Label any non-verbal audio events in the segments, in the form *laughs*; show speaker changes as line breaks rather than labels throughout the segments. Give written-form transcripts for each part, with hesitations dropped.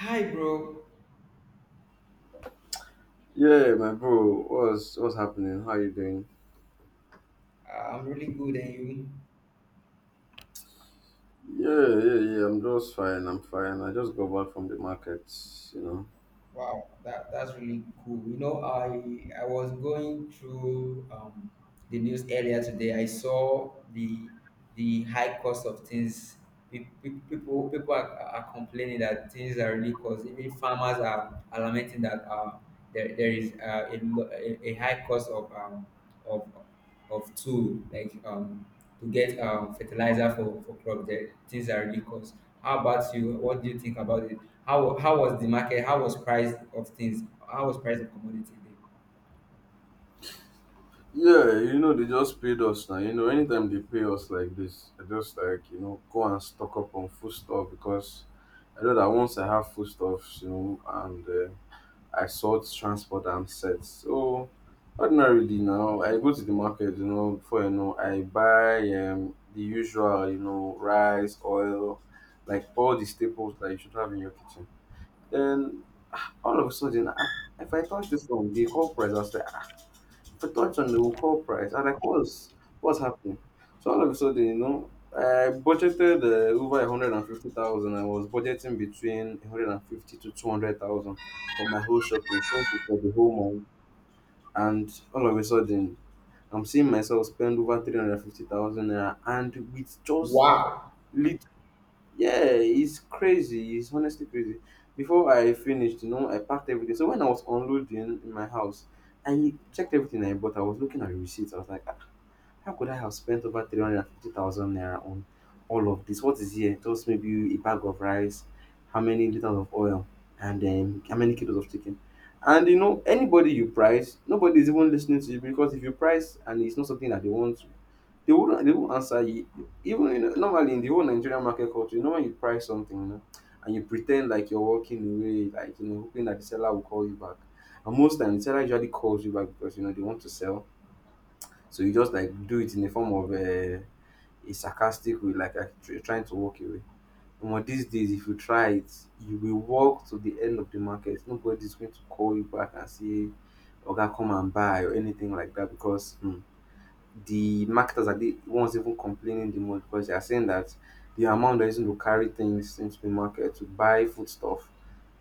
Hi, bro.
Yeah, my bro, what's happening? How you doing?
I'm really good, and you?
Yeah, yeah, yeah, I'm just fine. I'm fine. I just got back from the markets, you know.
Wow, that's really cool. You know, I was going through the news earlier today. I saw the high cost of things. People are complaining that things are really cost. Even farmers are lamenting that there is a, lo- a high cost of of of tool like to get fertilizer for crop, the things that really cost. How about you? What do you think about it? How was the market? How was price of things? How was price of commodity then?
Yeah, you know they just paid us now. You know, anytime they pay us like this, I just like you know go and stock up on food stuff because I know that once I have food stuffs, you know, and I sort, transport and set. So ordinarily now I go to the market, you know, before you know, I buy the usual, you know, rice, oil, like all the staples that you should have in your kitchen. Then all of a sudden, ah, if I touch this one, the whole price, I was like, I touched on the coal price. I'm like, what's happening? So all of a sudden, you know, I budgeted over a hundred and fifty thousand. I was budgeting between a hundred and fifty to two hundred thousand for my whole shopping, simply for the whole month. And all of a sudden, I'm seeing myself spend over 350,000 naira, and with just
Wow.
little yeah, it's crazy. It's honestly crazy. Before I finished, you know, I packed everything. So when I was unloading in my house, I checked everything I bought. I was looking at the receipts. I was like, "Ah, how could I have spent over 350,000 naira on all of this? What is here? Just maybe a bag of rice, how many liters of oil, and then how many kilos of chicken." And you know, anybody you price, nobody is even listening to you because if you price and it's not something that they want, they wouldn't, they won't answer you. Even in, normally in the whole Nigerian market culture, you know when you price something, you know, and you pretend like you're walking away, like you know, hoping that the seller will call you back. And most times the seller usually calls you back because you know they want to sell. So you just like do it in the form of a sarcastic way, like trying to walk away. But these days, if you try it, you will walk to the end of the market. Nobody's going to call you back and say, "Oga, come and buy" or anything like that because, hmm, the marketers are the ones even complaining the most because they are saying that the amount they're using to carry things into the market to buy foodstuff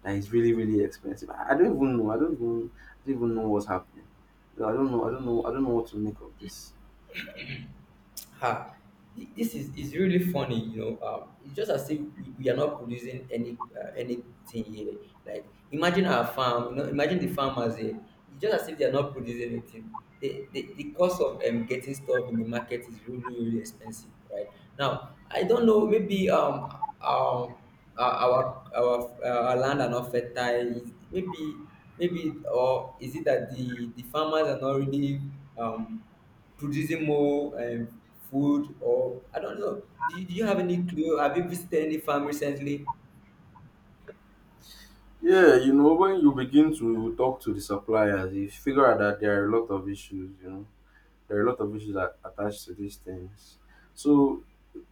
that is really, really expensive. I don't even know. I don't even know what's happening. So, I don't know. I don't know. I don't know what to make of this.
Ha, this is really funny, you know. It's just as if we are not producing anything here. Like, imagine our farm, you know. Imagine the farmers here. It's just as if they are not producing anything. The cost of getting stuff in the market is really really expensive, right? Now I don't know. Maybe um our land are not fertile. Maybe maybe, or is it that the farmers are not really um producing more food, or I don't know. Do you have any clue? Have you visited any farm recently?
Yeah, you know, when you begin to talk to the suppliers, you figure out that there are a lot of issues, you know, there are a lot of issues that attached to these things. So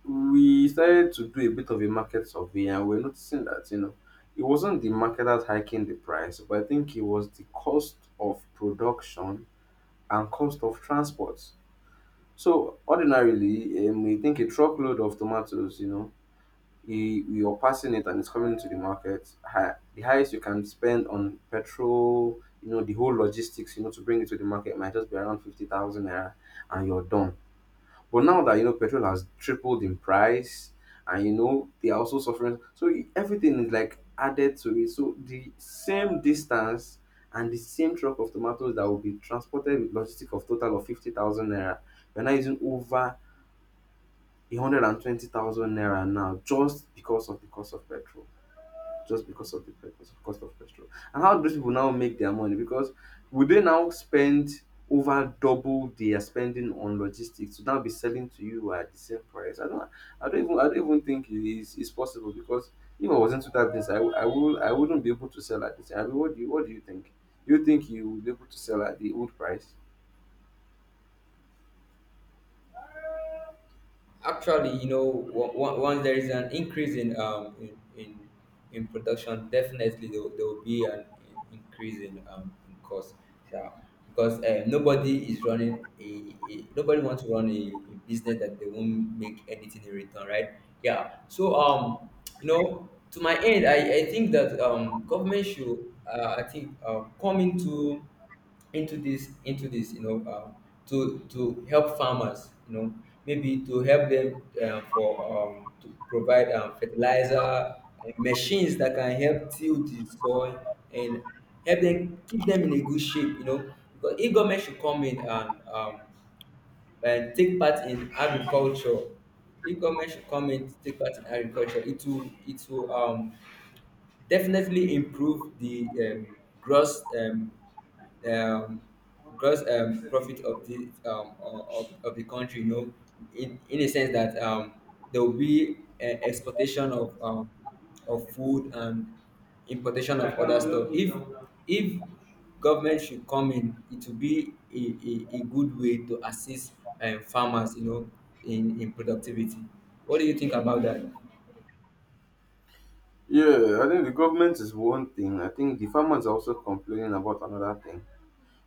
we started to do a bit of a market survey and we're noticing that you know it wasn't the market that's hiking the price, but I think it was the cost of production and cost of transport. So ordinarily we think a truckload of tomatoes, you know, you're passing it and it's coming to the market, the highest you can spend on petrol, you know the whole logistics, you know, to bring it to the market might just be around 50,000 naira and you're done. But now that you know petrol has tripled in price, and you know they are also suffering, so everything is like added to it. So the same distance and the same truck of tomatoes that will be transported with logistic of total of 50,000 naira, we're now using over a hundred and twenty thousand naira now just because of the cost of petrol, just because of the because of cost of petrol. And how do those people now make their money? Because would they now spend over double they are spending on logistics to now be selling to you at the same price? I don't, I don't even think it is, it's possible because if I was into that business, I would, I wouldn't be able to sell at this. I mean, what do you think? You think you would be able to sell at the old price?
Actually, you know, once there is an increase in production, definitely there will be an increase in cost. Yeah, because nobody wants to run a business that they won't make anything in return, right? Yeah. So you know, to my end, I think that government should I think come into this, you know, to help farmers, you know, maybe to help them for to provide fertilizer and machines that can help till the soil, and help them, keep them in a good shape, you know, because if government should come in and and take part in agriculture. If government should come in to take part in agriculture, it will definitely improve the um, gross profit of the of the country. You know, in a sense that there will be exportation of of food, and importation of other stuff. If government should come in, it will be a good way to assist farmers. You know, in productivity. What do you think about that?
Yeah, I think the government is one thing. I think the farmers are also complaining about another thing.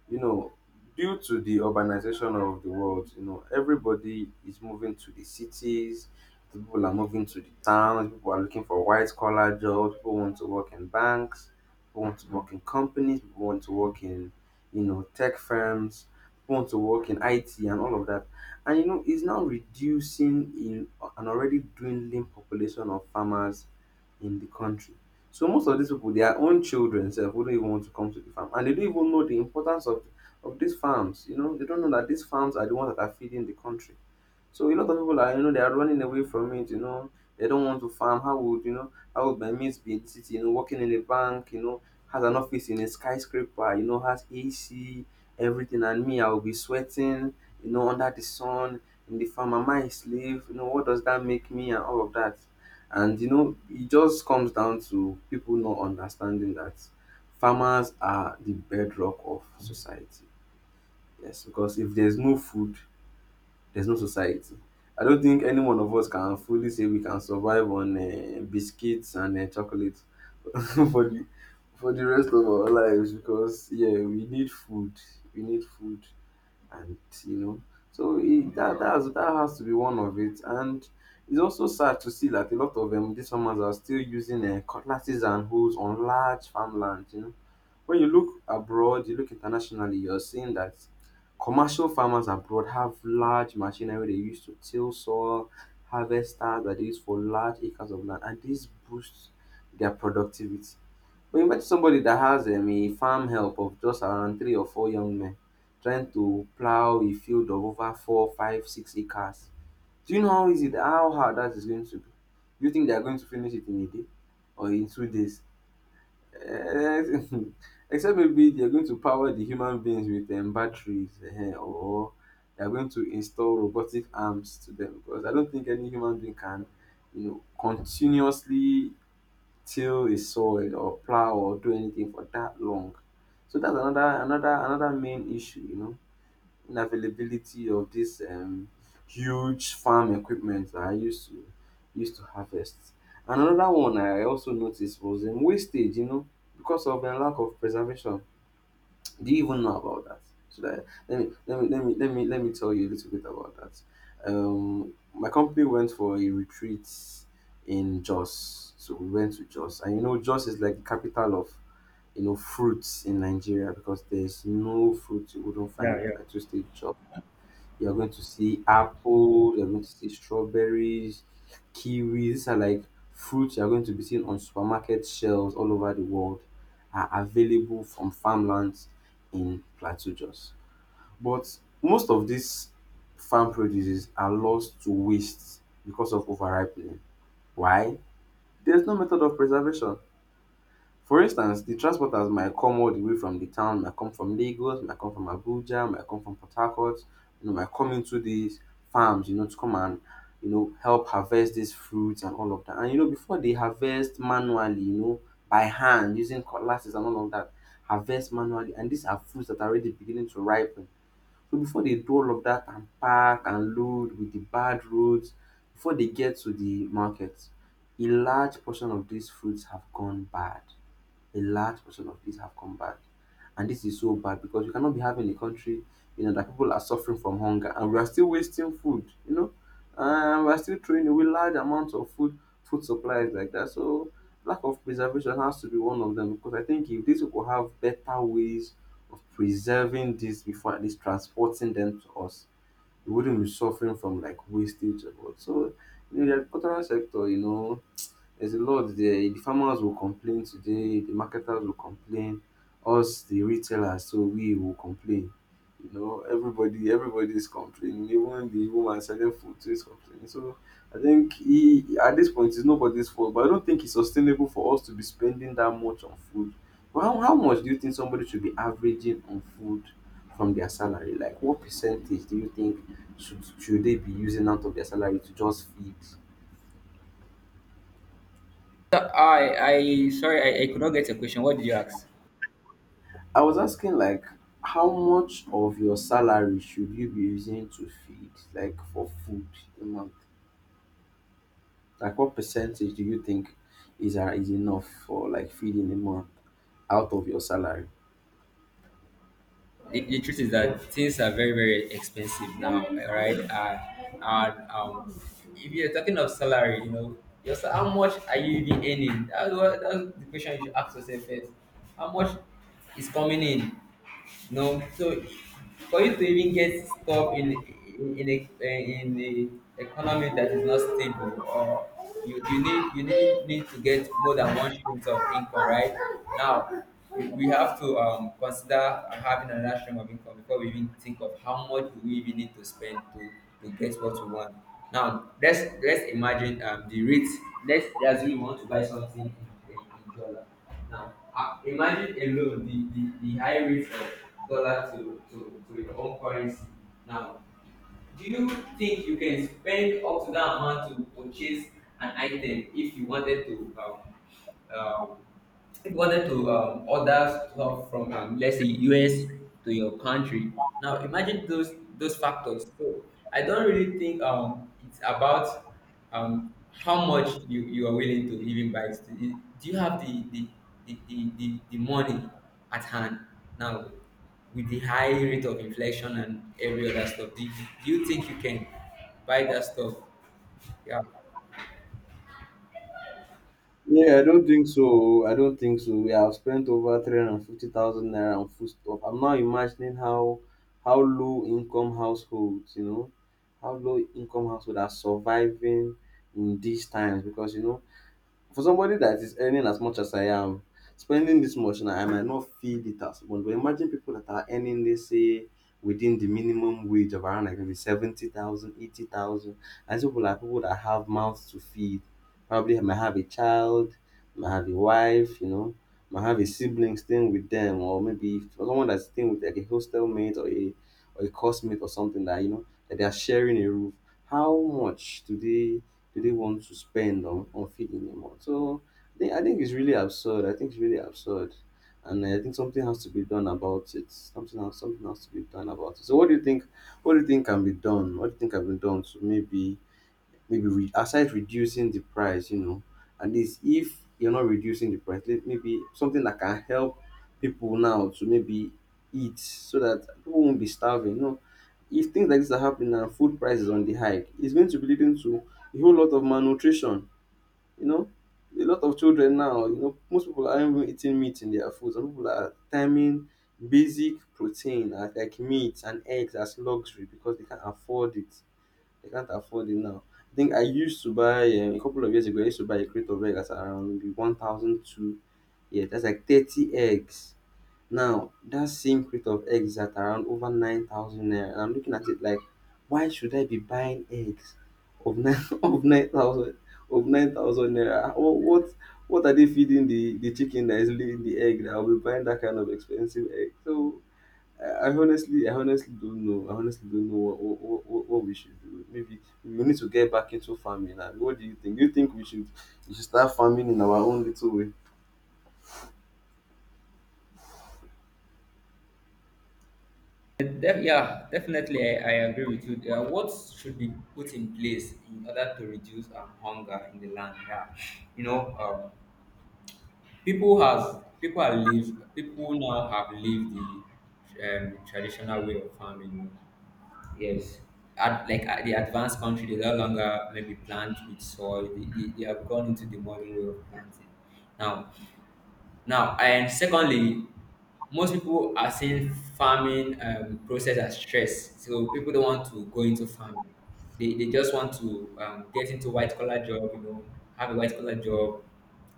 You know, due to the urbanization of the world, you know, everybody is moving to the cities. People are moving to the towns. People are looking for white collar jobs. People want to work in banks. People want to work in companies. People want to work in, you know, tech firms. People want to work in IT and all of that. And you know, it's now reducing in an already dwindling population of farmers in the country. So most of these people, their own children sef wouldn't even want to come to the farm, and they don't even know the importance of these farms. You know, they don't know that these farms are the ones that are feeding the country. So a lot of people are, you know, they are running away from it, you know. They don't want to farm. How would, you know, how would my mates be in the city, you know, working in a bank, you know, has an office in a skyscraper, you know, has AC, everything, and me I will be sweating, you know, under the sun, in the farm, am I a slave? You know, what does that make me and all of that? And you know, it just comes down to people not understanding that farmers are the bedrock of society. Yes, because if there's no food, there's no society. I don't think any one of us can fully say we can survive on biscuits and chocolate *laughs* for the for the rest of our lives because yeah, we need food, and you know, so it, that has to be one of it. And it's also sad to see that a lot of these farmers are still using cutlasses and hoes on large farmland. You know, when you look abroad, you look internationally, you're seeing that commercial farmers abroad have large machinery they use to till soil, harvesters that they use for large acres of land, and this boosts their productivity. But imagine somebody that has a farm help of just around three or four young men trying to plow a field of over four, five, 6 acres. Do you know how easy, how hard that is going to be? Do you think they are going to finish it in a day or in 2 days? Eh, *laughs* except maybe they're going to power the human beings with batteries, eh, or they're going to install robotic arms to them because I don't think any human being can, you know, continuously till a soil or plow or do anything for that long. So that's another main issue, you know. Availability of this huge farm equipment that I used to harvest. And another one I also noticed was in wastage, you know, because of the lack of preservation. Do you even know about that? Should I let me tell you a little bit about that. My company went for a retreat in Jos, so we went to Jos, and you know Jos is like the capital of, you know, fruits in Nigeria because there's no fruit you wouldn't find
Yeah,
in
yeah.
Plateau State, Jos. You're going to see apple, you're going to see strawberries, kiwis. These are like fruits you're going to be seeing on supermarket shelves all over the world are available from farmlands in Plateau Jos. But most of these farm produces are lost to waste because of overripening. Why? There's no method of preservation. For instance, the transporters might come all the way from the town, might come from Lagos, might come from Abuja, might come from Port Harcourt, you know, might come into these farms, you know, to come and, you know, help harvest these fruits and all of that. And, you know, before they harvest manually, you know, by hand using cutlasses and all of that, harvest manually. And these are fruits that are already beginning to ripen. So before they do all of that and pack and load with the bad roads, before they get to the market, a large portion of these fruits have gone bad, a large portion of these have come back. And this is so bad because we cannot be having a country, that people are suffering from hunger and we are still wasting food, and we are still throwing away large amounts of food, food supplies like that. So lack of preservation has to be one of them, because I think if these people have better ways of preserving this before at least transporting them to us, we wouldn't be suffering from like wastage and what. So you know, the agricultural sector, you know, there's a lot there. The farmers will complain today, the marketers will complain, us the retailers, so we will complain. You know, everybody is complaining. Even the woman selling food too is complaining. So I think he at this point it's nobody's fault. But I don't think it's sustainable for us to be spending that much on food. But how much do you think somebody should be averaging on food from their salary? Like what percentage do you think should they be using out of their salary to just feed?
So I sorry, I could not get your question. What did you ask?
I was asking like how much of your salary should you be using to feed, like for food, a month? Like what percentage do you think is enough for like feeding a month out of your salary?
The truth is that things are very, very expensive now, right? And if you're talking of salary, you know, how much are you even earning? That's the question you should ask yourself first. How much is coming in? No, so for you to even get stuck in the economy that is not stable, or you need to get more than one stream of income, right? Now we have to consider having another stream of income before we even think of how much do we even need to spend to get what we want. Now let's imagine the rate. Let's assume we want to buy something in dollar. Now, imagine alone the high rate of dollar to your own currency. Now, do you think you can spend up to that amount to purchase an item um, if you wanted to order stuff from let's say US to your country. Now imagine those factors. So I don't really think it's about how much you are willing to even buy. Do you have the money at hand now? With the high rate of inflation and every other stuff, do you think you can buy that stuff? Yeah.
Yeah, I don't think so. I don't think so. We have spent over 350,000 naira on food stuff. I'm now imagining how low income households, you know, how low income households are surviving in these times, because you know for somebody that is earning as much as I am, spending this much now, I might not feel it as much. But imagine people that are earning, let's say, within the minimum wage of around like maybe 70,000, 80,000. And these people, like people that have mouths to feed. Probably might have a child, might have a wife, you know, might have a sibling staying with them, or maybe for someone that's staying with like a hostel mate or a course mate or something that, you know, that they are sharing a roof. How much do they want to spend on feeding them on? So I think it's really absurd. I think it's really absurd. And I think something has to be done about it. Something has to be done about it. So what do you think can be done? What do you think can be done to maybe aside reducing the price, you know, at least if you're not reducing the price, maybe something that can help people now to maybe eat so that people won't be starving. You know, if things like this are happening and food prices on the hike, it's going to be leading to a whole lot of malnutrition. You know, a lot of children now, you know, most people aren't even eating meat in their food. Some people are timing basic protein as like meat and eggs as luxury because they can't afford it. I can't afford it now. I think I used to buy a couple of years ago. I used to buy a crate of eggs at around maybe one thousand two. Yeah, that's like 30 eggs. Now that same crate of eggs is at around over 9,000 naira, and I'm looking at it like, why should I be buying eggs of nine *laughs* of nine thousand of 9,000 naira? What are they feeding the chicken that is laying the egg that I'll be buying that kind of expensive egg? So I honestly don't know. I honestly don't know what we should do. Maybe we need to get back into farming. And what do you think? Do you think we should start farming in our own little way?
Yeah, definitely. I agree with you. What should be put in place in order to reduce hunger in the land? Yeah, you know, people have lived. People now have lived the traditional way of farming. Yes. Like, the advanced country, they no longer maybe plant with soil. They have gone into the modern way of planting. Now, Now, and secondly, most people are seeing farming process as stress. So people don't want to go into farming. They just want to get into white collar job, you know, have a white collar job,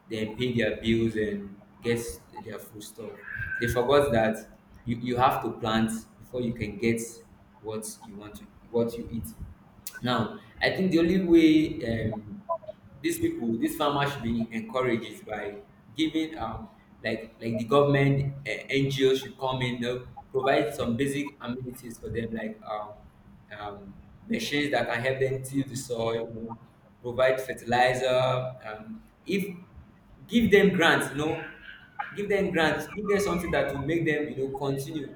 then pay their bills and get their food stuff. They forgot that you have to plant before you can get what you want to what you eat. Now, I think the only way these people, these farmers should be encouraged by giving like the government NGO should come in. They'll provide some basic amenities for them like um machines that can help them till the soil, you know, provide fertilizer. If give them grants, you know, give them grants, give them something that will make them, you know, continue.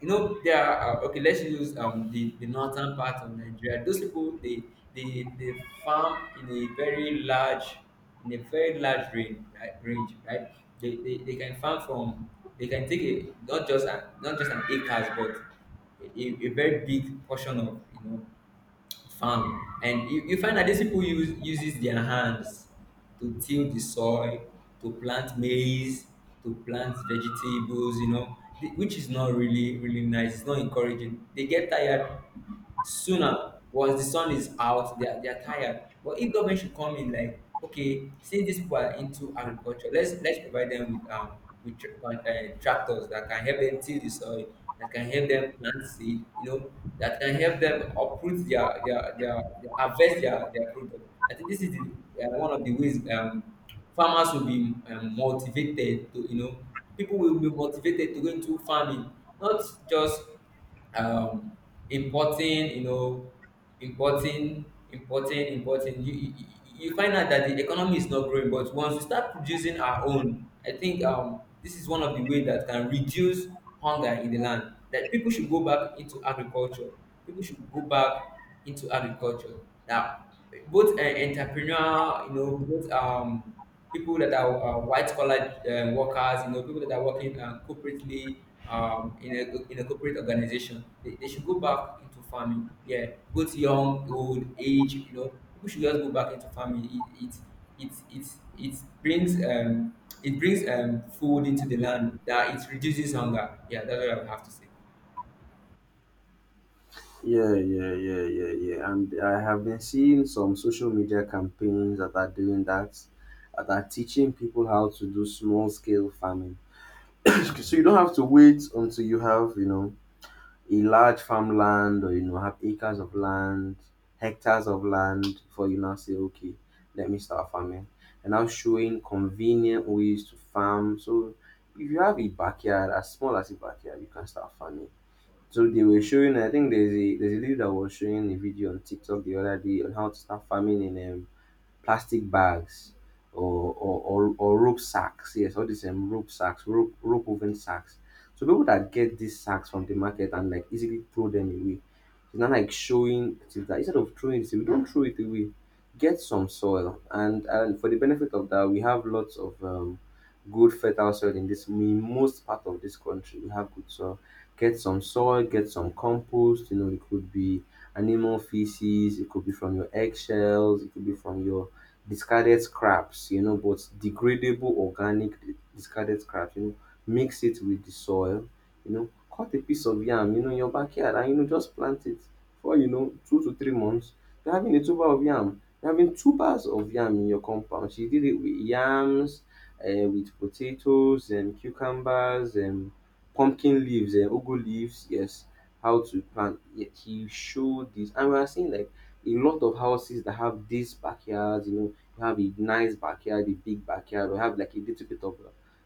You know, there are okay, let's use the northern part of Nigeria. Those people, they farm in a very large, range, right. Range, right. They can farm from, they can take a not just an acres, but a very big portion of, you know, farming. And you find that these people uses their hands to till the soil, to plant maize, to plant vegetables, you know, which is not really really nice. It's not encouraging. They get tired sooner. Once the sun is out, they are tired. But if government should come in like, okay, since these people are into agriculture, let's provide them with tractors that can help them till the soil, that can help them plant seed, you know, that can help them uproot their harvest, their product. I think this is one of the ways farmers will be motivated to, you know, people will be motivated to go into farming, not just um, importing, you know, importing, importing, importing. You find out that the economy is not growing, but once we start producing our own, I think this is one of the way that can reduce hunger in the land. That people should go back into agriculture. People should go back into agriculture. That both entrepreneurial, you know, both people that are white collar workers, you know, people that are working corporately, in a corporate organization, they should go back into farming. Yeah, both young, old, age, you know, people should just go back into farming. It it it, it brings food into the land, that it reduces hunger. Yeah, that's what I have to say.
Yeah, yeah, yeah, yeah, yeah. And I have been seeing some social media campaigns that are doing that, that are teaching people how to do small scale farming. So you don't have to wait until you have, you know, a large farmland, or you know have acres of land, hectares of land before you now say okay let me start farming, and now showing convenient ways to farm. So if you have a backyard, as small as a backyard, you can start farming. So they were showing, I think there's a lady that was showing a video on TikTok the other day on how to start farming in plastic bags or or or rope sacks. Yes, all these rope sacks, rope woven sacks. So people that get these sacks from the market and like easily throw them away. It's not like showing it is that instead of throwing it away, don't throw it away. Get some soil, and for the benefit of that, we have lots of good fertile soil in this in most part of this country. We have good soil. Get some soil, get some compost. You know, it could be animal feces, it could be from your eggshells, it could be from your discarded scraps, you know, but degradable organic discarded scraps, you know, mix it with the soil, you know, cut a piece of yam, you know, in your backyard and, you know, just plant it. For you know, 2 to 3 months, you're having a tuber of yam. You're having tubers of yam in your compound. She did it with yams, with potatoes, and cucumbers, and pumpkin leaves, and ugu leaves. Yes, how to plant. Yeah, he showed this, and we are seeing like a lot of houses that have these backyards, you know, you have a nice backyard, a big backyard, or have like a little bit of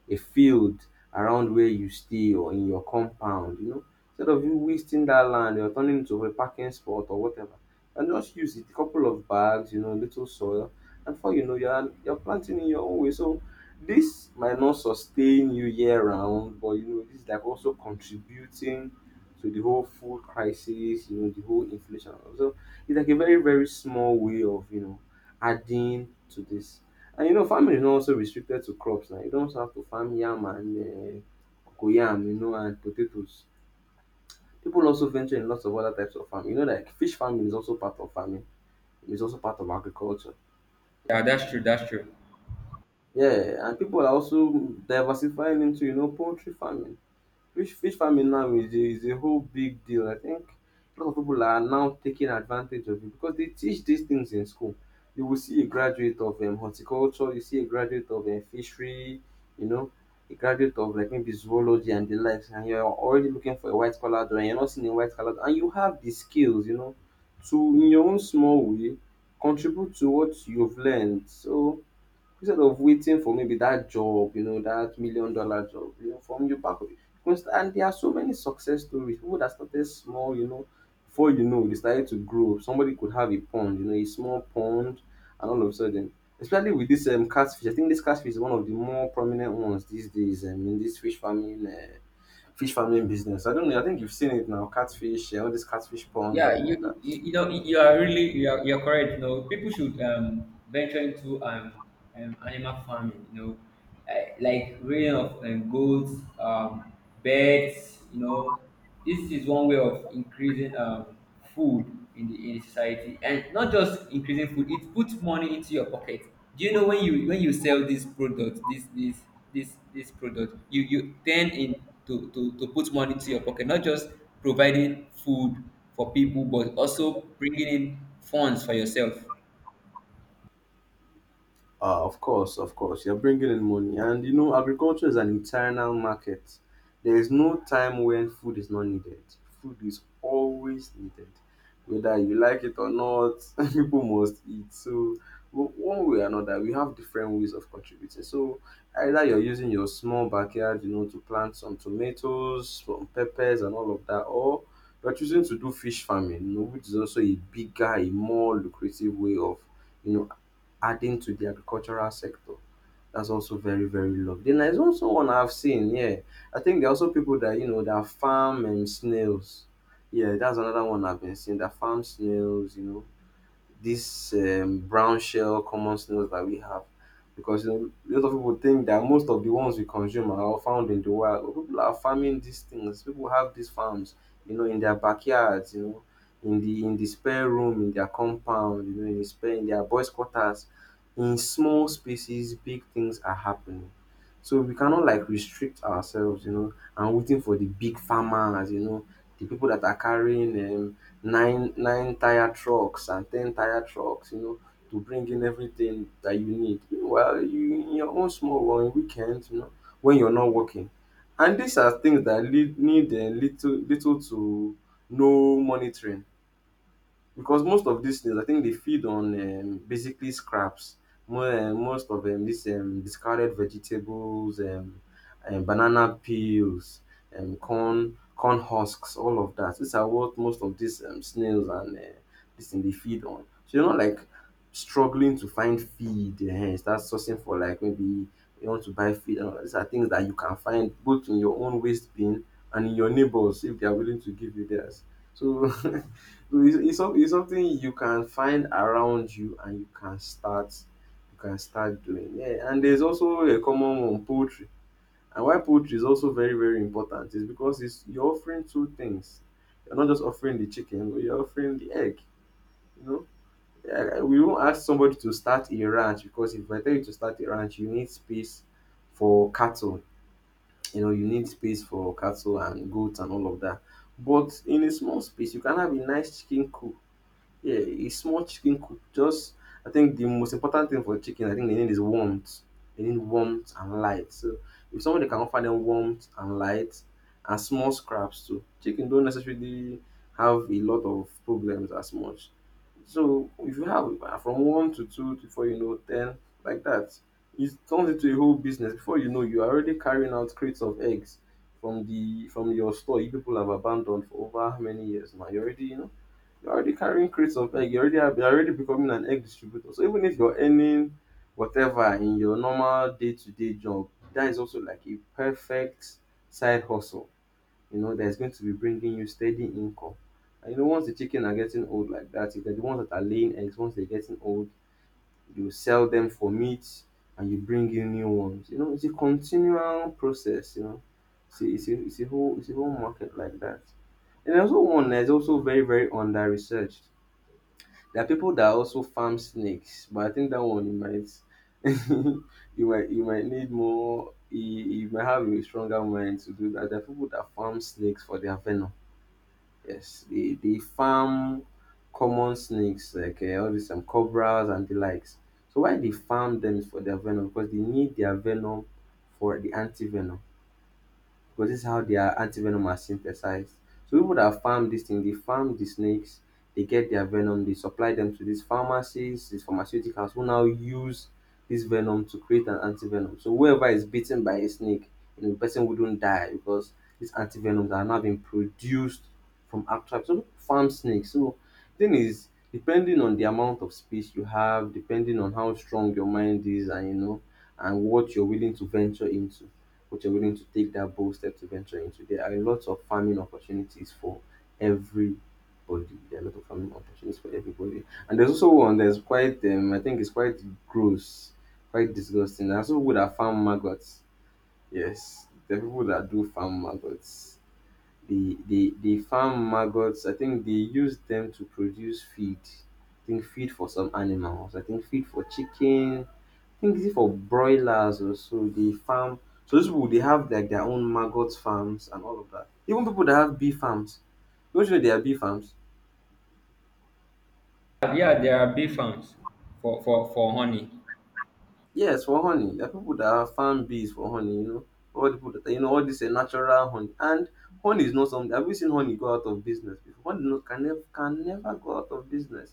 a field around where you stay or in your compound, you know. Instead of you wasting that land you're turning into a parking spot or whatever, and just use it, a couple of bags, you know, little soil, and before you know, you're planting in your own way. So this might not sustain you year round, but you know, this is like also contributing to the whole food crisis, you know, the whole inflation. So it's like a very small way of you know adding to this. And you know, farming is not also restricted to crops now. You don't have to farm yam and cocoyam, you know, and potatoes. People also venture in lots of other types of farming. You know, like fish farming is also part of farming. It's also part of agriculture.
Yeah, that's true. That's true.
Yeah, and people are also diversifying into, you know, poultry farming. Fish farming now is a whole big deal. I think a lot of people are now taking advantage of it because they teach these things in school. You will see a graduate of horticulture, you see a graduate of fishery, you know, a graduate of like maybe zoology and the likes, and you're already looking for a white collar job and you're not seeing a white collar job, and you have the skills, you know, to in your own small way contribute to what you've learned. So instead of waiting for maybe that job, you know, that $1 million job, you know, from you back. Because and there are so many success stories, pipu that started small, you know, before you know dey started to grow. Somebody could have a pond, you know, a small pond, and all of a sudden, especially with this catfish, I think this catfish is one of the more prominent ones these days in this fish farming business. I don't know, I think you've seen it now, catfish, all these catfish ponds and
Yeah,
all of that.
you know you're correct. You know, people should venture into animal farming, you know, like raising of goats, birds, you know. This is one way of increasing food in the society, and not just increasing food, it puts money into your pocket. Do you know, when you sell this product, this product, you turn in to put money into your pocket, not just providing food for people, but also bringing in funds for yourself.
Of course, you're bringing in money, and you know, agriculture is an internal market. There is no time when food is not needed. Food is always needed, whether you like it or not. *laughs* People must eat. So, one way or another, we have different ways of contributing. So, either you're using your small backyard, you know, to plant some tomatoes, some peppers, and all of that, or you're choosing to do fish farming, you know, which is also a bigger, a more lucrative way of you know adding to the agricultural sector. That's also very, very lovely. Then there's also one I've seen, yeah. I think there are also people that, you know, that farm snails. Yeah, that's another one I've been seeing, that farm snails, you know, this brown shell common snails that we have. Because you know, a lot of people think that most of the ones we consume are all found in the wild. But people are farming these things. People have these farms, you know, in their backyards, you know, in the spare room, in their compound, you know, in their boys' quarters. In small spaces, big things are happening. So we cannot like restrict ourselves, and waiting for the big farmers, the people that are carrying nine tyre trucks and ten tyre trucks, to bring in everything that you need. Meanwhile, you in your own small or on weekends, when you're not working. And these are things that need little to no monitoring. Because most of these things, I think they feed on basically scraps. Most of these discarded vegetables, banana peels, corn husks, all of that. These are what most of these snails and this thing they feed on. So you're not like struggling to find feed. Start sourcing for like maybe you want to buy feed. And all that. These are things that you can find both in your own waste bin and in your neighbors if they are willing to give you theirs. So *laughs* It's something you can find around you and you can start doing. Yeah, and there's also a common one, poultry. And why poultry is also very, very important is because it's you're offering two things. You're not just offering the chicken, but you're offering the egg. You know? Yeah, we won't ask somebody to start a ranch because if I tell you to start a ranch, you need space for cattle. You need space for cattle and goats and all of that. But in a small space, you can have a nice chicken coop. Yeah, a small chicken could just. I think the most important thing for chicken, I think they need is warmth. They need warmth and light. So if somebody can offer them warmth and light and small scraps too, chicken don't necessarily have a lot of problems as much. So if you have from one to two to four, ten like that, it turns into a whole business. Before you know, you are already carrying out crates of eggs from the from your store you people have abandoned for over how many years now. You already, you're already carrying crates of egg. You're already becoming an egg distributor. So even if you're earning whatever in your normal day-to-day job, that is also like a perfect side hustle. That's going to be bringing you steady income. And once the chicken are getting old like that, if they're the ones that are laying eggs, once they're getting old, you sell them for meat and you bring in new ones. It's a continual process. It's a whole market like that. And there's also one that's also very, very under researched. There are people that also farm snakes, but I think that one you might *laughs* you might need more you might have a stronger mind to do that. There are people that farm snakes for their venom. Yes, they farm common snakes like all these some cobras and the likes. So why they farm them is for their venom because they need their venom for the anti venom because this is how their antivenom are synthesized. So people that farm this thing, they farm the snakes, they get their venom, they supply them to these pharmacies, these pharmaceuticals who now use this venom to create an antivenom. So whoever is bitten by a snake, the person wouldn't die because these antivenoms are now being produced from actual so people farm snakes. So thing is depending on the amount of space you have, depending on how strong your mind is and what you're willing to venture into which are willing to take that bold step to venture into. There are a lot of farming opportunities for everybody. There are a lot of farming opportunities for everybody. And there's also one that's quite, I think it's quite gross, quite disgusting. There's also people that farm maggots. Yes, there are people that do farm maggots. The farm maggots. I think they use them to produce feed. I think feed for some animals. I think feed for chickens. I think is it for broilers or so they farm so those people they have like their own maggot farms and all of that. Even people that have bee farms. Don't you know they are bee farms?
Yeah, there are bee farms for honey.
Yes, for honey. There are people that have farm bees for honey. All the people that you know, all this natural honey. And honey is not something have you seen honey go out of business before? Honey no, can never go out of business.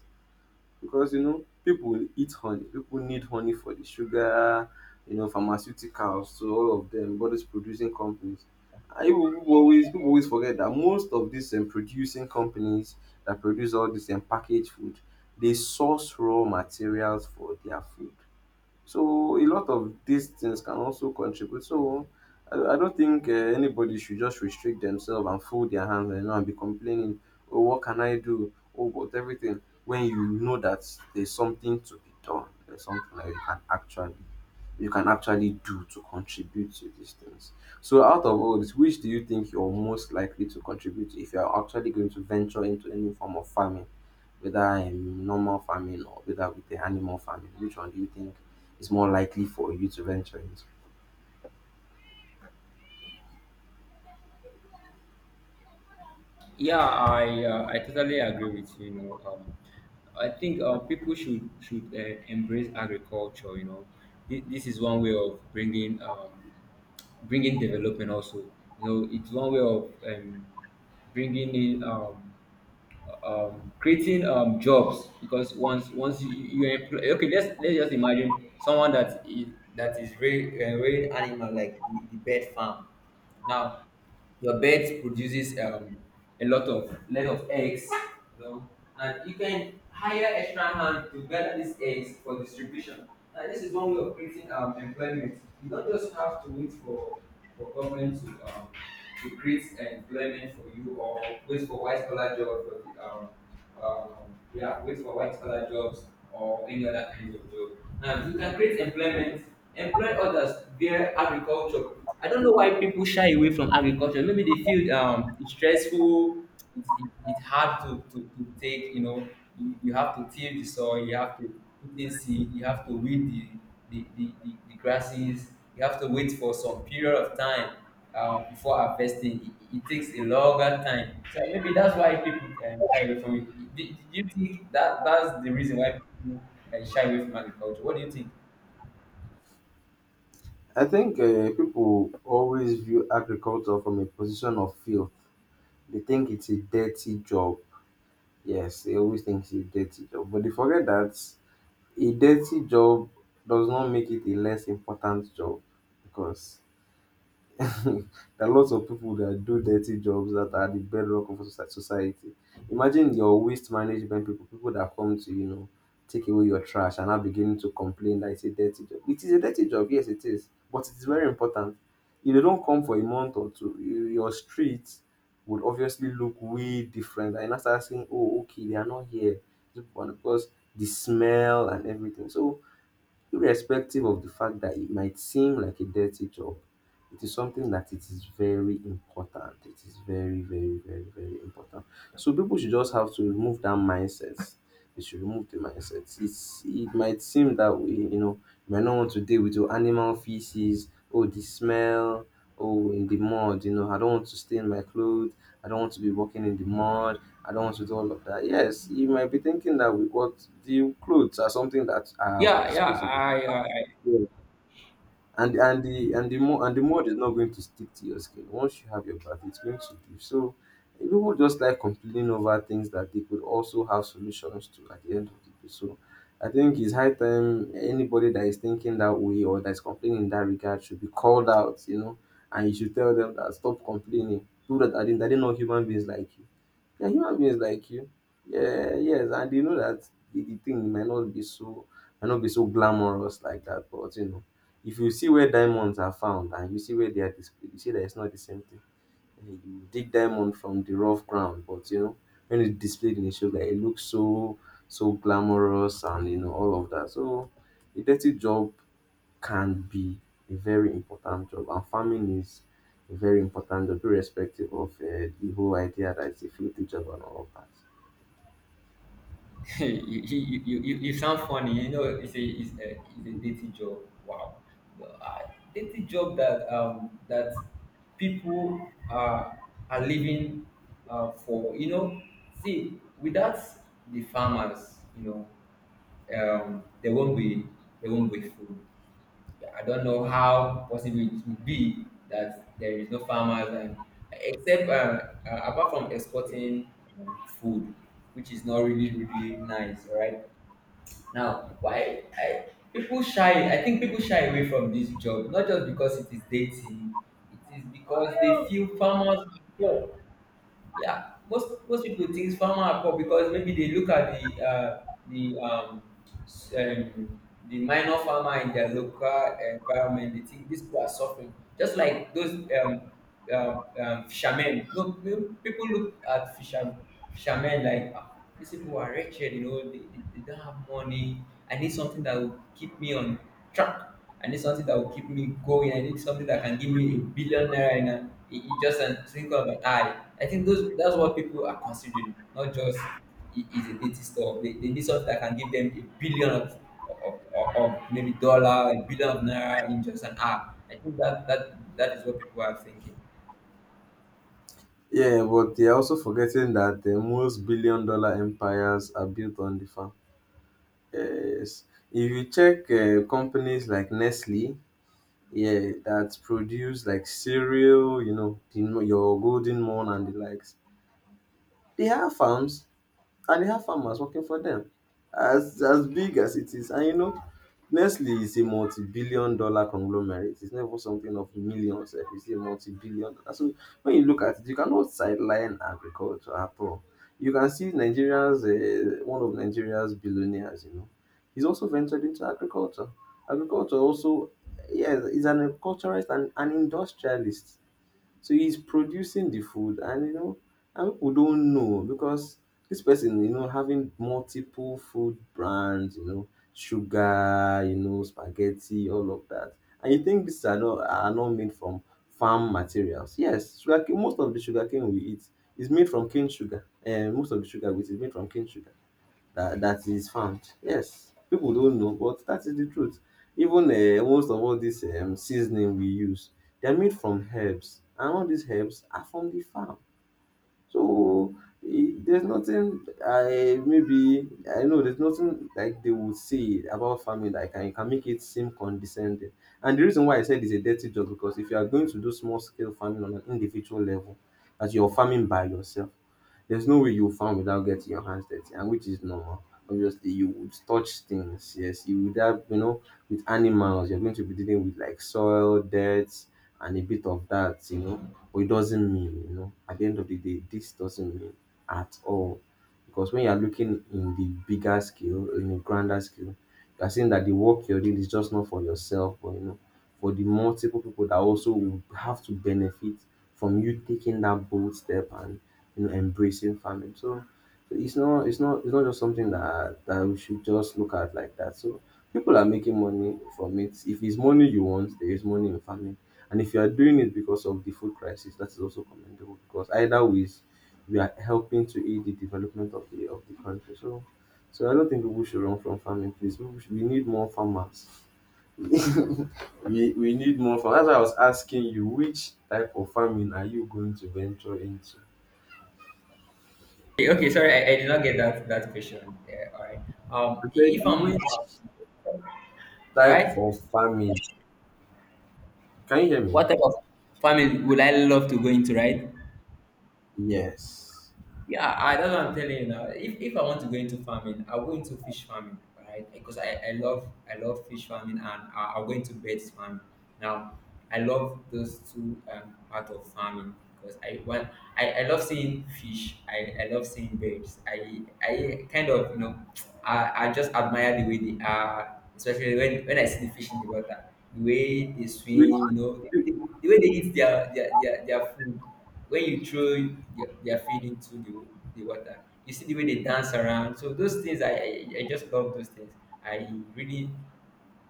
Because people eat honey people need honey for the sugar pharmaceuticals so all of them all those producing companies and people always forget that most of these producing companies that produce all this packaged food they source raw materials for their food so a lot of these things can also contribute. So I don't think anybody should just restrict themselves and fold their hands and be complaining, oh, what can I do? Oh, but everything. When you know that there's something to be done, there's something that you can actually do to contribute to these things. So out of all this, which do you think you're most likely to contribute if you're actually going to venture into any form of farming, whether in normal farming or whether with the animal farming? Which one do you think it's more likely for you to venture into.
Yeah, I totally agree with you. You know, I think people should embrace agriculture. You know, this is one way of bringing development. Also, you know, it's one way of bringing in creating jobs, because once you employ, okay, let's just imagine someone that is raising animal, like the bird farm now. Your bed produces a lot of eggs, you know, and you can hire extra hand to gather these eggs for distribution. And this is one way of creating employment. You don't just have to wait for government to create employment for you, or wait for white collar job for the um yeah, wait for white collar jobs or any other kind of job. Now you can create employment, employ others via agriculture. I don't know why people shy away from agriculture. Maybe they feel it's stressful, it's hard to take, you know, you have to till the soil, you have to put in seed, you have to weed the grasses, you have to wait for some period of time before harvesting. It takes a longer time. So maybe that's why people shy away from it. Do you think that that's the reason why people shy away from agriculture? What do you think?
I think people always view agriculture from a position of fear. They think it's a dirty job. Yes, they always think it's a dirty job, but they forget that a dirty job does not make it a less important job because *laughs* there are lots of people that do dirty jobs that are the bedrock of society. Imagine your waste management people, people that come to, take away your trash and are beginning to complain that it's a dirty job. It is a dirty job, yes, it is, but it is very important. If they don't come for a month or two, your street would obviously look way different. And you now start saying, oh, okay, they are not here. Because the smell and everything. So irrespective of the fact that it might seem like a dirty job, it is something that it is very important. It is very, very, very, very important. So people should just have to remove that mindset. They should remove the mindset. It might seem that way, you might not want to deal with your animal feces, oh the smell, oh in the mud, I don't want to stay in my clothes, I don't want to be walking in the mud, I don't want to do all of that. Yes, you might be thinking that we what the clothes are something that are
Yeah, yeah,
disposable
I.
and the mold is not going to stick to your skin once you have your bath it's going to do so people just like complaining over things that they could also have solutions to at the end of the day so I think it's high time anybody that is thinking that way or that's complaining in that regard should be called out and you should tell them that stop complaining people that are, they are not human beings like you yeah human beings like you yeah yes and you know that the thing might not be so glamorous like that but if you see where diamonds are found and you see where they are displayed, you see that it's not the same thing. You dig diamond from the rough ground, but when it's displayed in a show, like, it looks so glamorous and all of that. So a dirty job can be a very important job, and farming is a very important job, irrespective of the whole idea that it's a filthy job and all of that.
*laughs* you, you sound funny. You know, it's a dirty job. Wow, the dirty job that that people are living for. You know, see, without the farmers, you know, um, there won't be there won't be food. I don't know how possible it would be that there is no farmers and except apart from exporting food, which is not really really nice, right? Now, why I people shy? I think people shy away from this job not just because it is dating. It is because they feel farmers. Yeah, most people think farmer are poor because maybe they look at the the s- um the minor farmer in their local environment. They think these people are suffering, just like those um, fishermen. No, people look at fishermen like, "Ah, these people are wretched. You know, they don't have money. I need something that will keep me on track. I need something that will keep me going. I need something that can give me a billion naira in, in just a twinkle of an eye. I think those that's what people are considering, not just it is a dating store. They need something that can give them a billion of maybe dollar, a billion of naira in just an hour. I think that that is what people are thinking.
Yeah, but they're also forgetting that the most billion dollar empires are built on the farm. Yes. If you check companies like Nestle, yeah, that produce like cereal, you know, your golden morn and the likes. They have farms and they have farmers working for them. As big as it is, and you know, Nestle is a multi-billion dollar conglomerate. It's never something of millions. It's a multi-billion dollar. So when you look at it, you cannot sideline agriculture at all. You can see nigeria's one of Nigeria's billionaires, you know, he's also ventured into agriculture, agriculture also. Yeah, he's an agriculturist and an industrialist. So he's producing the food, and you know, and people don't know because this person, you know, having multiple food brands, you know, sugar, you know, spaghetti, all of that. And you think these are not made from farm materials? Yes, sugar. Cane, most of the sugar cane we eat is made from cane sugar, and most of the sugar we eat is made from cane sugar. That that is found. Yes, people don't know, but that is the truth. Even most of all this seasoning we use, they are made from herbs, and all these herbs are from the farm. So there's nothing I know. There's nothing like they would say about farming that can make it seem condescending. And the reason why I said it's a dirty job, because if you are going to do small scale farming on an individual level, as you're farming by yourself, there's no way you farm without getting your hands dirty, and which is normal. Obviously, you would touch things. Yes, you would have, you know, with animals. You're going to be dealing with like soil, dirt, and a bit of that. You know, but it doesn't mean, you know, at the end of the day, this doesn't mean at all. Because when you're looking in the bigger scale, in a grander scale, you're saying that the work you're doing is just not for yourself, but you know, for the multiple people that also will have to benefit from you taking that bold step and you know embracing family. So it's not just something that we should just look at like that. So people are making money from it. If it's money you want, there is money in farming. And if you are doing it because of the food crisis, that is also commendable, because either ways we are helping to aid the development of the country. So I don't think people should run from farming. Please, we need more farmers. We need more farmers. That's why I was asking you, which type of farming are you going to venture into?
Okay, okay, sorry, I did not get that that question. Yeah, all right. Um,
I
i-
said
if
which
I'm all
type
right,
of farming? Can you hear me?
what type of family would I love to go into? Right?
Yes.
Yeah, I, that's what I'm telling you now. If I want to go into farming, I'll go into fish farming, right? Because I love fish farming, and I'll go into birds farming. Now, I love those two part of farming because I want I love seeing fish. I love seeing birds. I kind of, you know, I just admire the way they are, especially when I see the fish in the water, the way they swim,
Which
you know, the way they eat their food when you throw their feed into the water, you see the way they dance around. So those things, I just love those things. I really,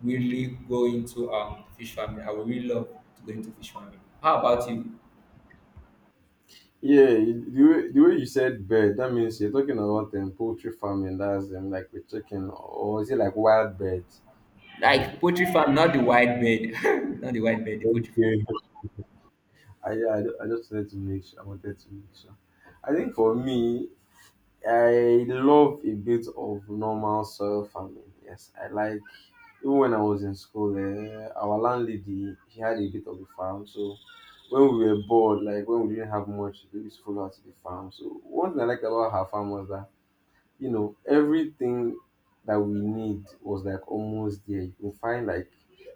really go into fish farming. I would really love to go into fish farming. How about you?
yeah, you- the way you said bird, that means you're talking about poultry farming. That's like we're chicken, or is it like wild birds?
Like poultry farm, not the wild bird, *laughs* not the wild bird, the poultry farming.
Okay. Yeah, I just wanted to make sure. I wanted to make sure. I think for me, I love a bit of normal soil farming. Yes, I like. Even when I was in school, eh, our landlady, she had a bit of a farm, so when we were bored, like when we didn't have much, we used to follow her to the farm. So one thing I liked about her farm was that, you know, everything that we need was like almost there. You can find like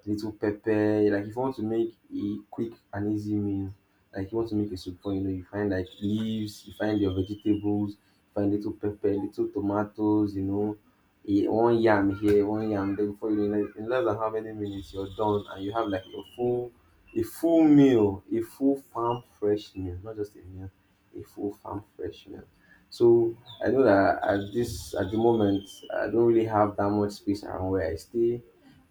little pepper, like if you want to make a quick and easy meal, like you want to make a soup, you know, you find like leaves, you find your vegetables, you find little pepper, little tomatoes, you know, a, one yam here, one yam there. Before you know it, in less than how many minutes you're done, and you have like a full meal, a full farm fresh meal, not just a meal, a full farm fresh meal. So I know that at this at the moment I don't really have that much space around where I stay,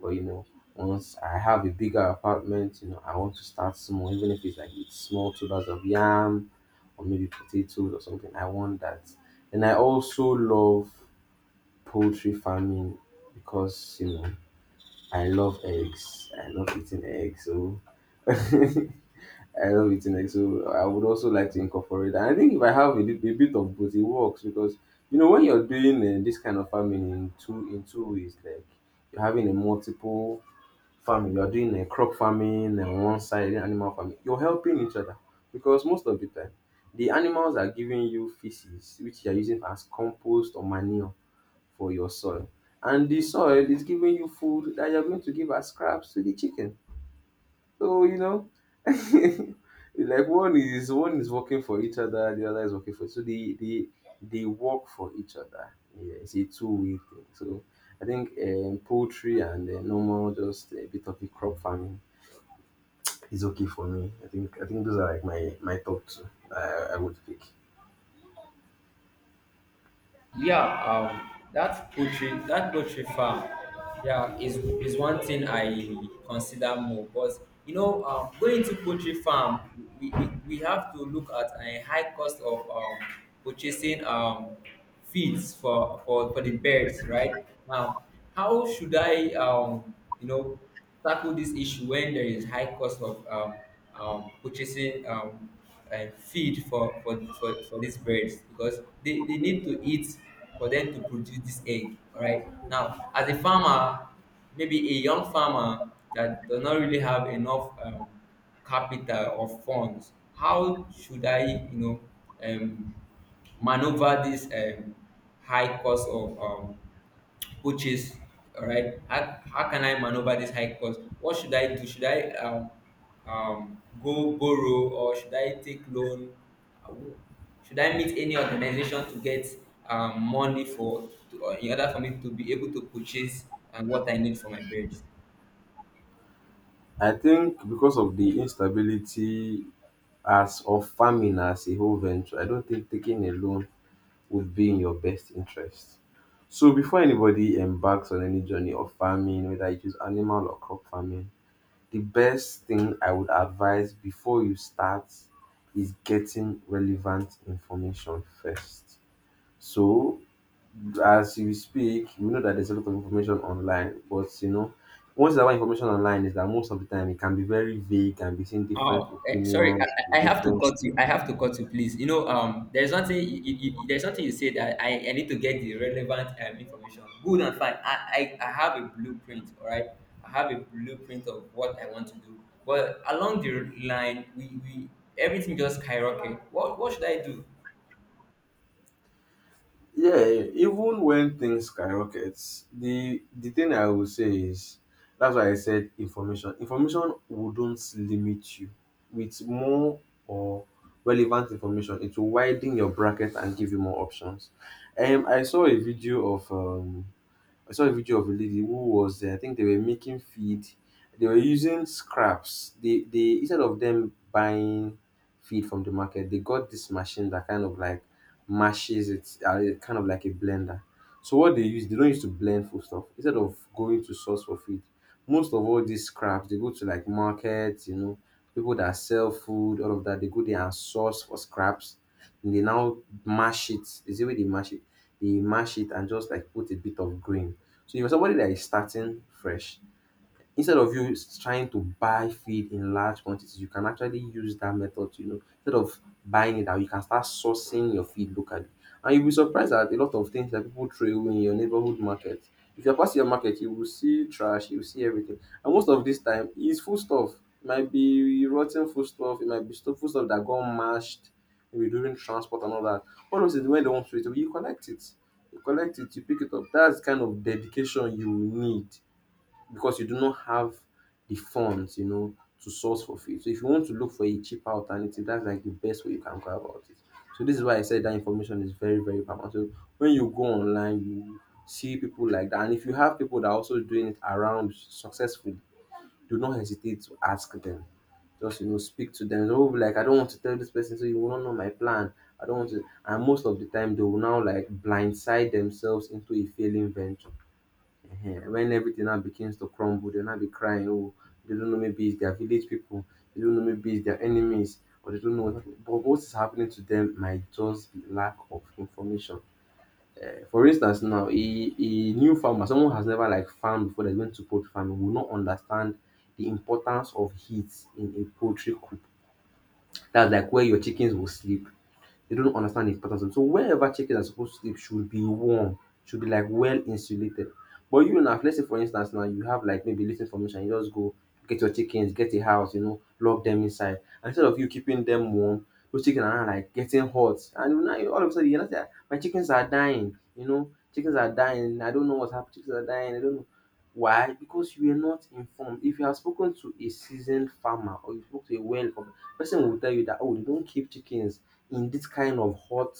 but you know, once I have a bigger apartment, you know, I want to start small, even if it's like with small tubers of yam or maybe potatoes or something. I want that, and I also love poultry farming, because you know I love eggs. I love eating eggs, so *laughs* I love eating eggs, so I would also like to incorporate that. I think if I have a, lit- a bit of both, it works because you know when you're doing this kind of farming in two ways, like you're having a multiple farming, you're doing a crop farming and one side animal farming. You're helping each other, because most of the time the animals are giving you feces, which you're using as compost or manure for your soil, and the soil is giving you food that you're going to give as scraps to the chickens. So you know, *laughs* like one is working for each other, the other is working for, so they work for each other. Yeah, it's a two-way thing. So I think poultry and normal just a bit of a crop farming is okay for me. I think those are like my top two. I would pick.
Yeah, that poultry farm, yeah, is one thing I consider more. But you know, going to poultry farm, we have to look at a high cost of purchasing feeds for, for the birds, right? Now, how should I you know tackle this issue when there is high cost of purchasing feed for, for these birds because they need to eat for them to produce this egg. All right. Now, as a farmer, maybe a young farmer that does not really have enough capital or funds, how should I, you know, um, maneuver this high cost of coaches. All right, how can I maneuver this high cost? What should I do? Should I go borrow or should I take loan? Uh, Should I meet any organization to get money for to, in order for me to be able to purchase and what I need for my birds?
I think because of the instability as of farming as a whole venture, I don't think taking a loan would be in your best interest. So before anybody embarks on any journey of farming, whether it is animal or crop farming, the best thing I would advise before you start is getting relevant information first. So as you speak, we know that there's a lot of information online, but you know, once that information online is that most of the time it can be very vague and between different
Oh, eh, sorry.
opinions,
I have to
different.
cut you. I have to cut you, please. You know, there's nothing. There's nothing you say that I need to get the relevant information. Good and fine. I have a blueprint. All right. I have a blueprint of what I want to do. But along the line, we everything just skyrocket. What should I do?
Yeah, even when things skyrocket, the thing I would say is that's why I said information. Information wouldn't limit you. With more or relevant information, it will widen your bracket and give you more options. I saw a video of I saw a video of a lady who was there. I think they were making feed. They were using scraps. They instead of them buying feed from the market, they got this machine that kind of like mashes it, kind of like a blender. So what they use, they don't use to blend food stuff. Instead of going to source for feed, most of all these scraps they go to like markets, you know, people that sell food, all of that. They go there and source for scraps. And they now mash it. Is it way they mash it? They mash it and just like put a bit of grain, so if you're somebody that is starting fresh, instead of you s- trying to buy feed in large quantities, you can actually use that method to, you know, instead of buying it out, you can start sourcing your feed locally. And you'll be surprised at a lot of things that people throw away in your neighborhood market. If you're passing your market, you will see trash, you will see everything. And most of this time, it's food stuff. It might be rotten food stuff, it might be stu- food stuff that got mashed, maybe during transport and all that. All those things, when they want to throw it away, you collect it. You collect it, you pick it up. That's kind of dedication you will need, because you do not have the funds, you know, to source for it. So if you want to look for a cheaper alternative, that's like the best way you can go about it. So this is why I said that information is very, very paramount. So when you go online, you see people like that. And if you have people that are also doing it around successfully, do not hesitate to ask them. Just you know, speak to them. They will be like, I don't want to tell this person, so you will not know my plan. I don't want to, and most of the time they will now like blindside themselves into a failing venture. Ehen, when everything now begins to crumble, they'll now be crying, oh, they don't know, maybe it's their village people, they don't know, maybe it's their enemies, or they don't know, but what is happening to them might just be lack of information. Eh, for instance, now a new farmer, someone has never like farmed before they went to poultry farming, will not understand the importance of heat in a poultry coop. That's like where your chickens will sleep, they don't understand the importance. So wherever chicken are supposed to sleep should be warm, should be like well insulated. But you now, let's say for instance now you have like maybe little information, you just go get your chickens, get a house, you know, lock them inside. Instead of you keeping them warm, those chickens are now, like getting hot, and now you- all of a sudden you are say, "Ah, my chickens are dying. You know, chickens are dying. I don't know what's happening. Chickens are dying. I don't know why, because you are not informed. If you have spoken to a seasoned farmer or you spoke to a well informed person, will tell you that oh, they don't keep chickens in this kind of hot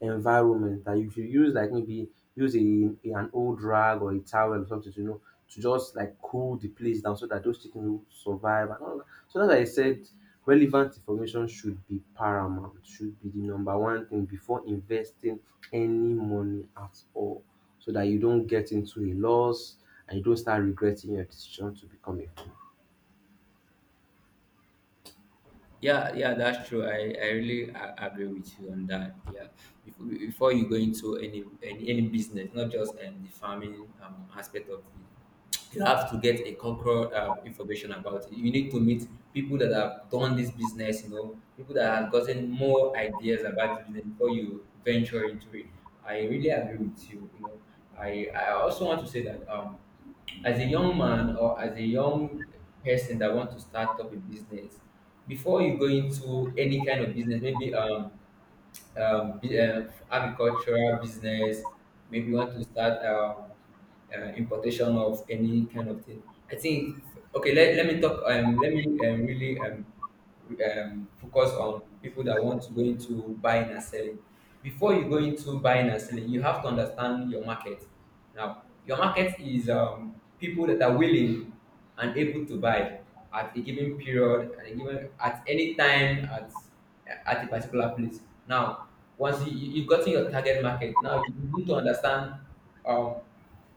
environment, that you should use like maybe use an old rag or a towel or something, you know, to just like cool the place down so that those chickens will survive and all that. So as I said, relevant information should be paramount, should be the number one thing before investing any money at all. So that you don't get into a loss and you don't start regretting your decision to become a farmer.
Yeah, yeah, that's true. I really agree with you on that. Yeah, before you go into any any business, not just the farming aspect of it, you have to get a cultural information about it. You need to meet people that have done this business, you know, people that have gotten more ideas about the business before you venture into it. I really agree with you. You know, I also want to say that as a young man or as a young person that want to start up a business before you go into any kind of business, maybe agricultural business, maybe you want to start importation of any kind of thing. I think okay, let me talk, let me, really focus on people that want to go into buying and selling. Before you go into buying and selling, you have to understand your market. Now, your market is people that are willing and able to buy at a given period, at a given at any time, at a particular place. Now, once you've gotten your target market, now you need to understand um,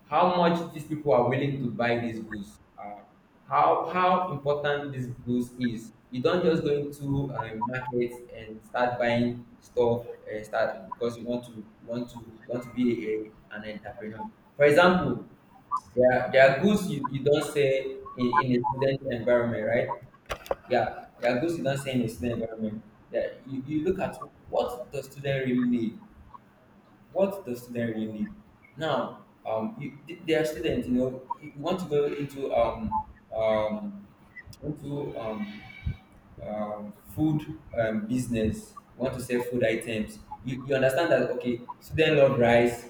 how much these people are willing to buy these goods, how important these goods is. You don't just go into market and start buying stuff and start because you want to want to want to be a, an entrepreneur. For example, there are goods you don't sell in a student environment, right? Yeah, there are goods you don't sell in a student environment. Yeah, you look at what the student really need, what does student really need now, you, they are students, you know, you want to go into um into um food business, you want to sell food items, you understand that okay, students love rice,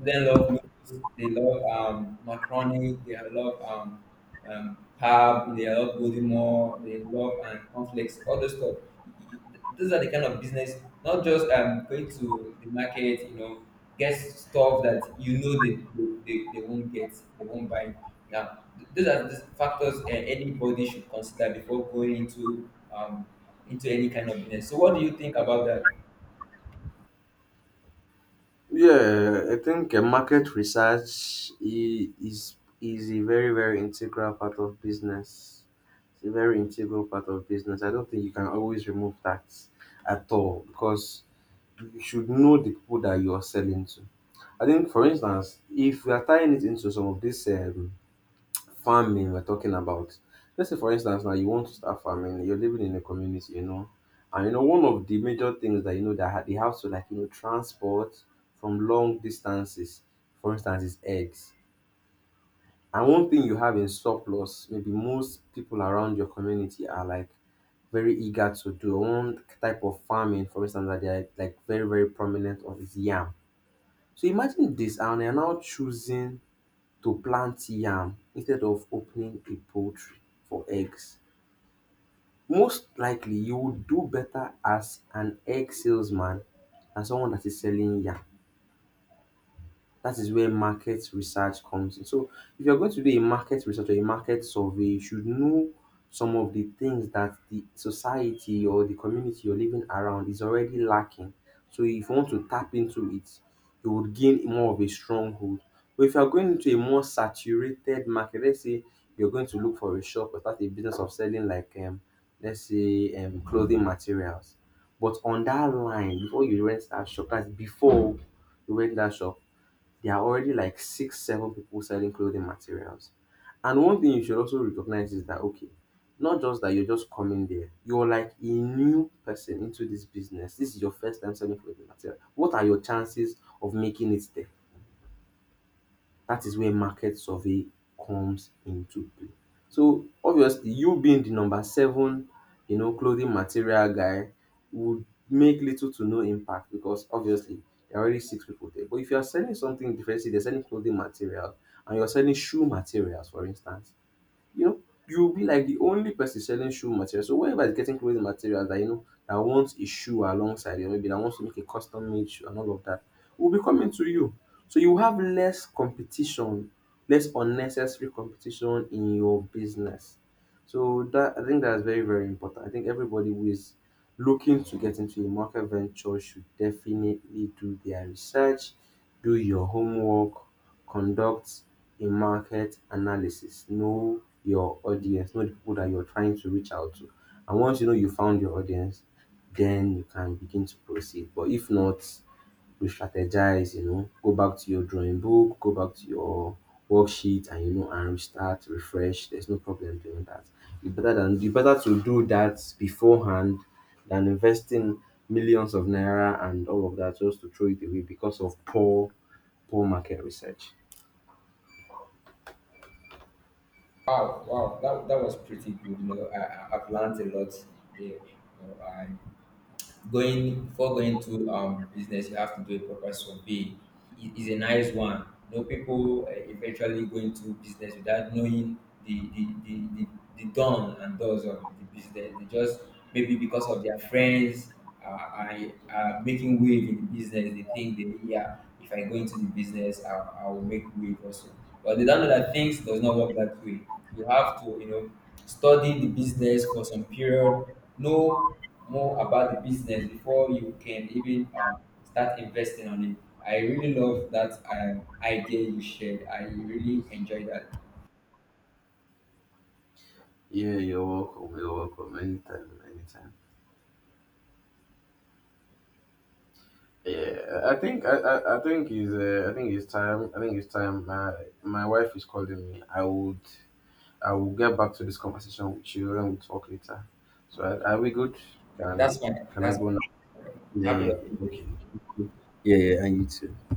students love noodles, they love macaroni, they love pap, they love godimo, they love and conflicts, all those stuff. Those are the kind of business, not just going to the market, you know, get stuff that you know they, they won't get, they won't buy. Yeah, those are the factors anybody should consider before going into any kind of business. So, what do you think about that?
Yeah, I think market research is a very very integral part of business. It's a very integral part of business. I don't think you can always remove that at all because you should know the people that you are selling to. I think, for instance, if we are tying it into some of these farming we're talking about. Let's say, for instance, now you want to start farming, you're living in a community, you know, and you know, one of the major things that you know that they have to like, you know, transport from long distances, for instance, is eggs. And one thing you have in surplus, maybe most people around your community are like very eager to do one type of farming, for instance, that they're like very, very prominent on is yam. So imagine this, and they're now choosing to plant yam instead of opening a poultry for eggs. Most likely, you would do better as an egg salesman than someone that is selling yam. That is where market research comes in. So if you're going to do a market research or a market survey, you should know some of the things that the society or the community you're living around is already lacking. So if you want to tap into it, you would gain more of a stronghold. But if you're going into a more saturated market, let's say you're going to look for a shop or start a business of selling like let's say clothing materials. But on that line, before you rent that shop, that's before you rent that shop, there are already like six, seven people selling clothing materials. And one thing you should also recognize is that, okay, not just that you're just coming there, you're like a new person into this business. This is your first time selling clothing material. What are your chances of making it there? That is where market survey comes into play. So obviously you being the number seven, you know, clothing material guy would make little to no impact because obviously there are already six people there. But if you are selling something different, say they're selling clothing material and you're selling shoe materials for instance, you know, you'll be like the only person selling shoe material. So whenever is getting clothing materials that you know that wants a shoe alongside it, maybe that wants to make a custom made shoe and all of that, will be coming to you. So you have less competition, less unnecessary competition in your business. So that I think that's very, very important. I think everybody who is looking to get into a market venture should definitely do their research, do your homework, conduct a market analysis. Know your audience, know the people that you're trying to reach out to. And once you know you found your audience, then you can begin to proceed. But if not, you strategize, you know, go back to your drawing book, go back to your worksheet and you know and restart, refresh. There's no problem doing that. You better to do that beforehand than investing millions of naira and all of that just to throw it away because of poor market research.
Wow, wow, that, that was pretty good. You know, I've learned a lot there. You know, going before going to business, you have to do a proper survey. It is a nice one. You know people eventually go into business without knowing the the the the, the don and does of the business. They just maybe because of their friends are, are, are making wave in the business, they think they, yeah, if I go into the business, I will make wave also, but they don't know that things does not work that way. You have to, you know, study the business for some period, know more about the business before you can even start investing on it. I really love that idea you shared. I really enjoy that.
Yeah, you're welcome. You're welcome. Anytime, anytime. Yeah, I think it's time. I think it's time. My wife is calling me. I will get back to this conversation with you and we'll talk later. So are we good? Can
That's fine,
can I
that's
go now?
fine.
Yeah,
Have a
yeah, yeah.
lovely
Okay.
day.
Yeah, yeah, and you too.